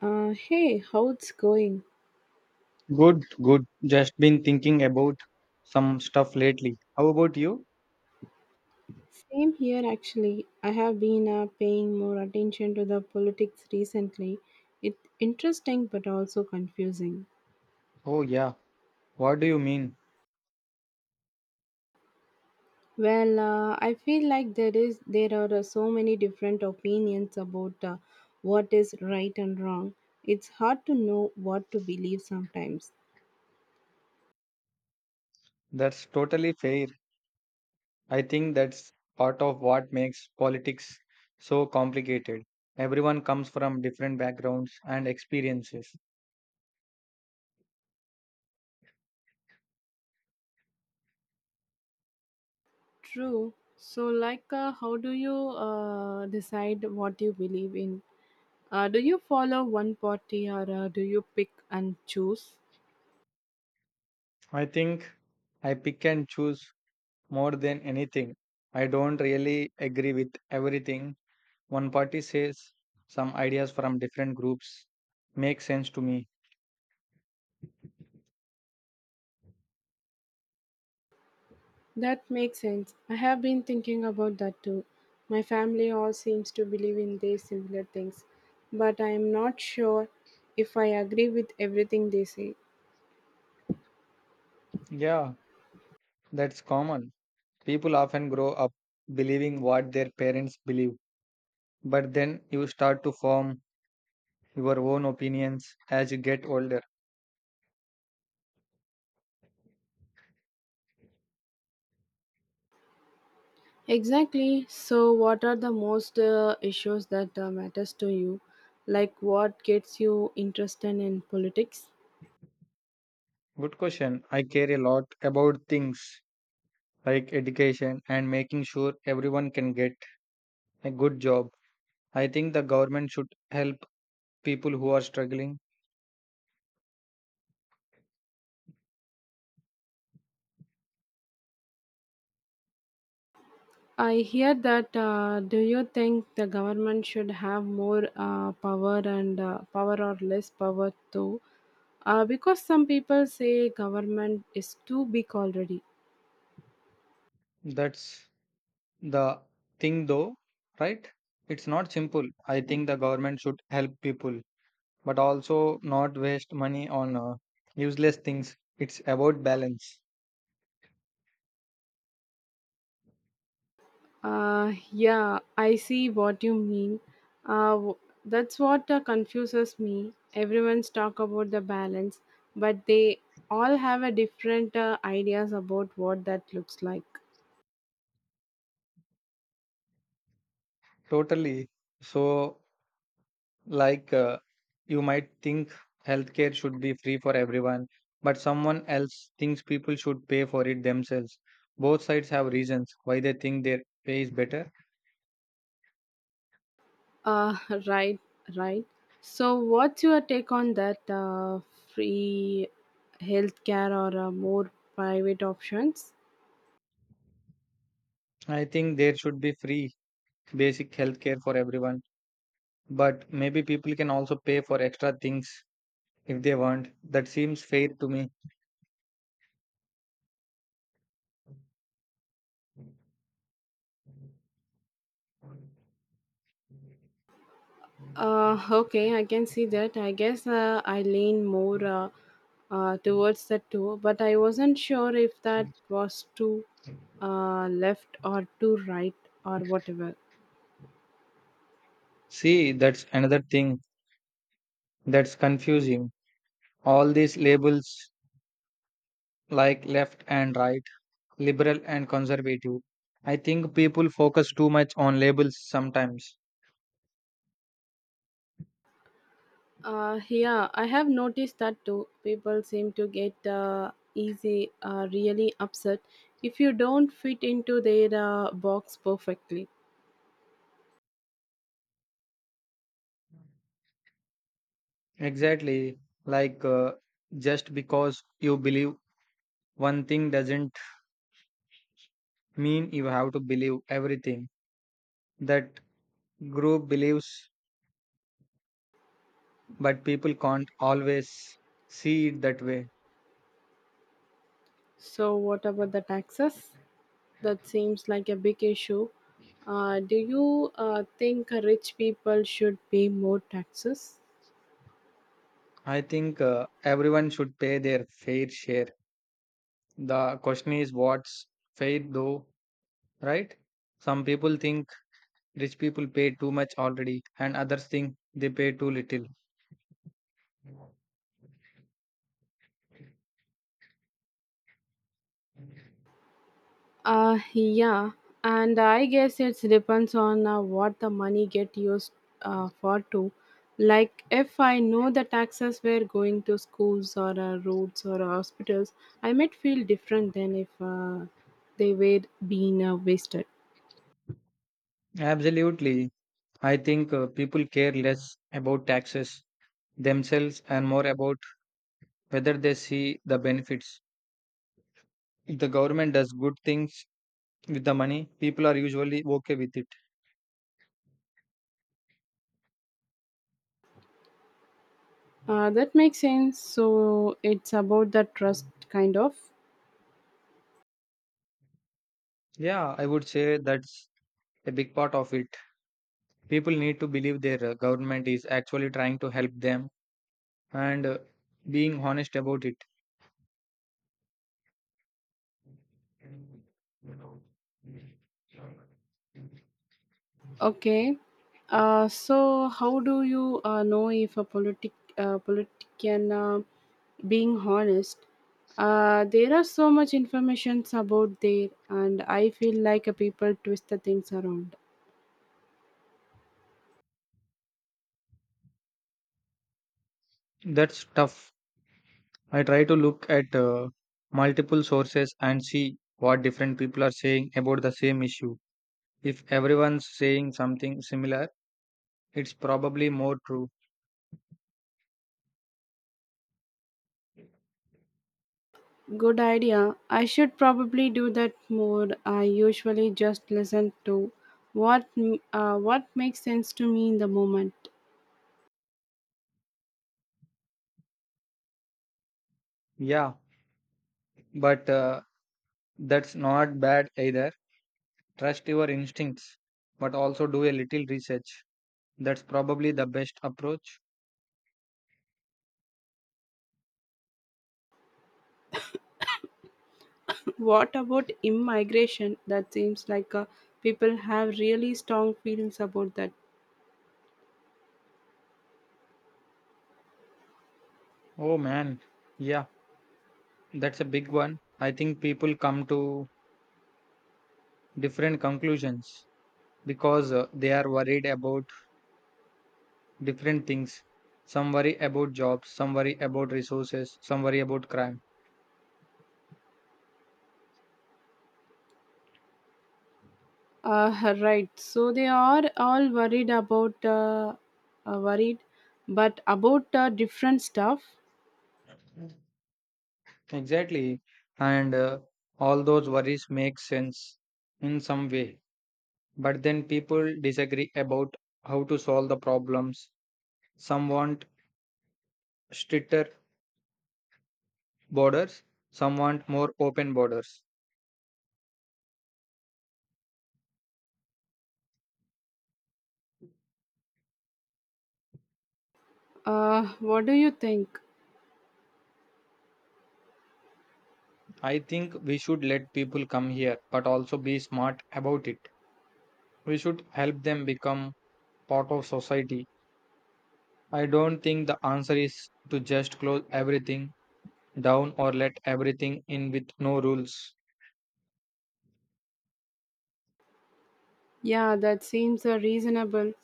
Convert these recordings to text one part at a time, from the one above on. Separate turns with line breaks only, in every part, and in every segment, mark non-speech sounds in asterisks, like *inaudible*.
Hey, how it's going?
Good, good. Just been thinking about some stuff lately. How about you?
Same here actually. I have been paying more attention to the politics recently. It's interesting but also confusing.
Oh, yeah. What do you mean?
I feel like there are so many different opinions about what is right and wrong. It's hard to know what to believe sometimes.
That's totally fair. I think that's part of what makes politics so complicated. Everyone comes from different backgrounds and experiences.
True. So, how do you decide what you believe in? Do you follow one party or do you pick and choose?
I think I pick and choose more than anything. I don't really agree with everything. One party says some ideas from different groups make sense to me.
That makes sense. I have been thinking about that too. My family all seems to believe in these similar things, but I am not sure if I agree with everything they say.
Yeah, that's common. People often grow up believing what their parents believe, but then you start to form your own opinions as you get older.
Exactly. So, what are the most issues that matters to you? Like what gets you interested in politics?
Good question. I care a lot about things like education and making sure everyone can get a good job. I think the government should help people who are struggling.
I hear that. Do you think the government should have more power and power or less power too? Because some people say government is too big already.
That's the thing, though, right? It's not simple. I think the government should help people, but also not waste money on useless things. It's about balance.
Yeah, I see what you mean. Uh, w- that's what confuses me. Everyone's talk about the balance, but they all have a different ideas about what that looks like.
Totally. So, like, uh, you might think healthcare should be free for everyone, but someone else thinks people should pay for it themselves. Both sides have reasons why they think their pay is better.
Uh, *laughs* right, right. So, what's your take on that free healthcare or more private options?
I think there should be free basic healthcare for everyone, but maybe people can also pay for extra things if they want. That seems fair to me.
Okay, I can see that. I guess I lean more towards that too, but I wasn't sure if that was too left or too right or whatever.
See, that's another thing that's confusing, all these labels like left and right, liberal and conservative. I think people focus too much on labels sometimes.
Yeah, I have noticed that too. People seem to get easy, really upset if you don't fit into their box perfectly.
Exactly, like uh, just because you believe one thing doesn't mean you have to believe everything that group believes, but people can't always see it that way.
So, what about the taxes? That seems like a big issue. Do you think rich people should pay more taxes?
I think everyone should pay their fair share. The question is what's fair though, right? Some people think rich people pay too much already, and others think they pay too little.
Yeah, and I guess it depends on what the money get used for too. Like if I know the taxes were going to schools or roads or hospitals, I might feel different than if they were being wasted.
Absolutely. I think people care less about taxes themselves and more about whether they see the benefits. If the government does good things with the money, people are usually okay with it.
That makes sense. So it's about the trust, kind of.
Yeah, I would say that's a big part of it. People need to believe their government is actually trying to help them and being honest about it.
Okay. So, how do you know if a politician being honest? There are so much informations about there, and I feel like a people twist the things around.
That's tough. I try to look at multiple sources and see what different people are saying about the same issue. If everyone's saying something similar, it's probably more true.
Good idea. I should probably do that more. I usually just listen to what makes sense to me in the moment.
Yeah, but that's not bad either. Trust your instincts, but also do a little research. That's probably the best approach.
What about immigration? That seems like people have really strong feelings about that.
Oh man, yeah, that's a big one. I think people come to different conclusions because they are worried about different things. Some worry about jobs, some worry about resources, some worry about crime.
Right. So they are all worried about, worried, but about different stuff.
Exactly. And all those worries make sense in some way. But then people disagree about how to solve the problems. Some want stricter borders, some want more open borders.
What do you think?
I think we should let people come here, but also be smart about it. We should help them become part of society. I don't think the answer is to just close everything down or let everything in with no rules,
Yeah, that seems reasonable.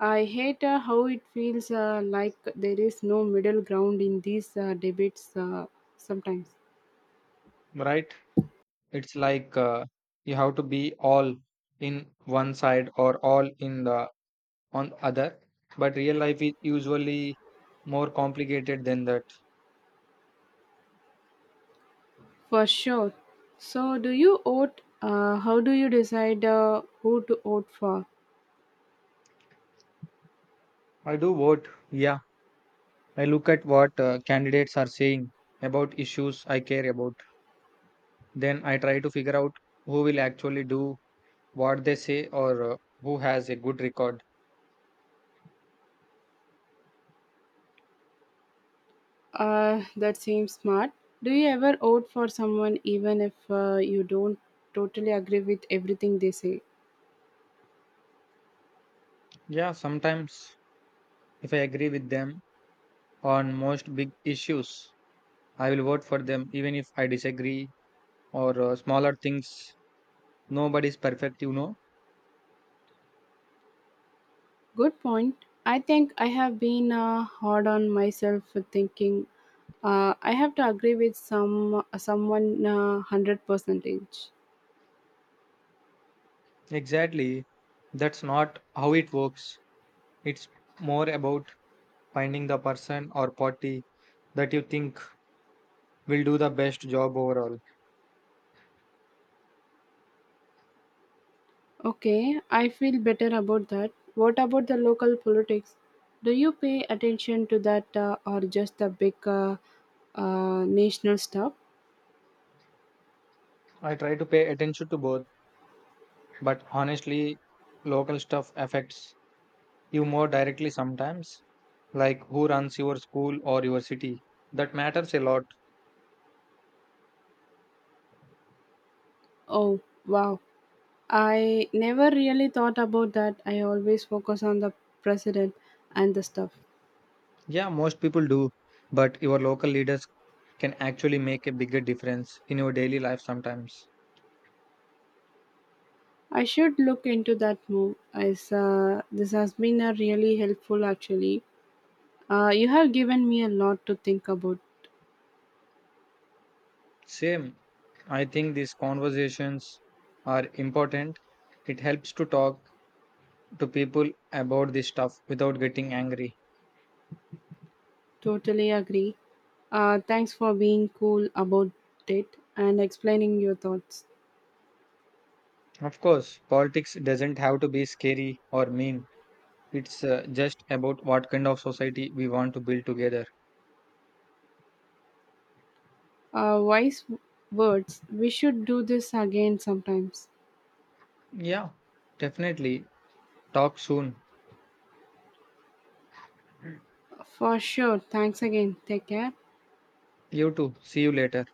I hate how it feels like there is no middle ground in these debates sometimes.
right? It's you have to be all in one side or all in the on other, but real life is usually more complicated than that.
For sure. So, do you vote? How do you decide who to vote for?
I do vote, yeah. I look at what candidates are saying about issues I care about. Then I try to figure out who will actually do what they say or who has a good record.
That seems smart. Do you ever vote for someone even if you don't totally agree with everything they say?
Yeah, sometimes. If I agree with them on most big issues, I will vote for them even if I disagree or smaller things. Nobody's perfect, you know.
Good point. I think I have been hard on myself for thinking I have to agree with someone hundred percentage.
Exactly. That's not how it works. It's more about finding the person or party that you think will do the best job overall.
Okay, I feel better about that. What about the local politics? Do you pay attention to that or just the big national stuff?
I try to pay attention to both, but honestly, local stuff affects you more directly sometimes, like who runs your school or your city. That matters a lot.
Oh, wow. I never really thought about that. I always focus on the president and the stuff.
Yeah, most people do, but your local leaders can actually make a bigger difference in your daily life sometimes.
I should look into that more. As This has been a really helpful, actually. You have given me a lot to think about.
Same. I think these conversations are important. It helps to talk to people about this stuff without getting angry.
Totally agree. Thanks for being cool about it and explaining your thoughts.
Of course, politics doesn't have to be scary or mean. It's just about what kind of society we want to build together.
Wise words. We should do this again sometimes.
Yeah, definitely. Talk soon.
For sure. Thanks again. Take care.
You too. See you later.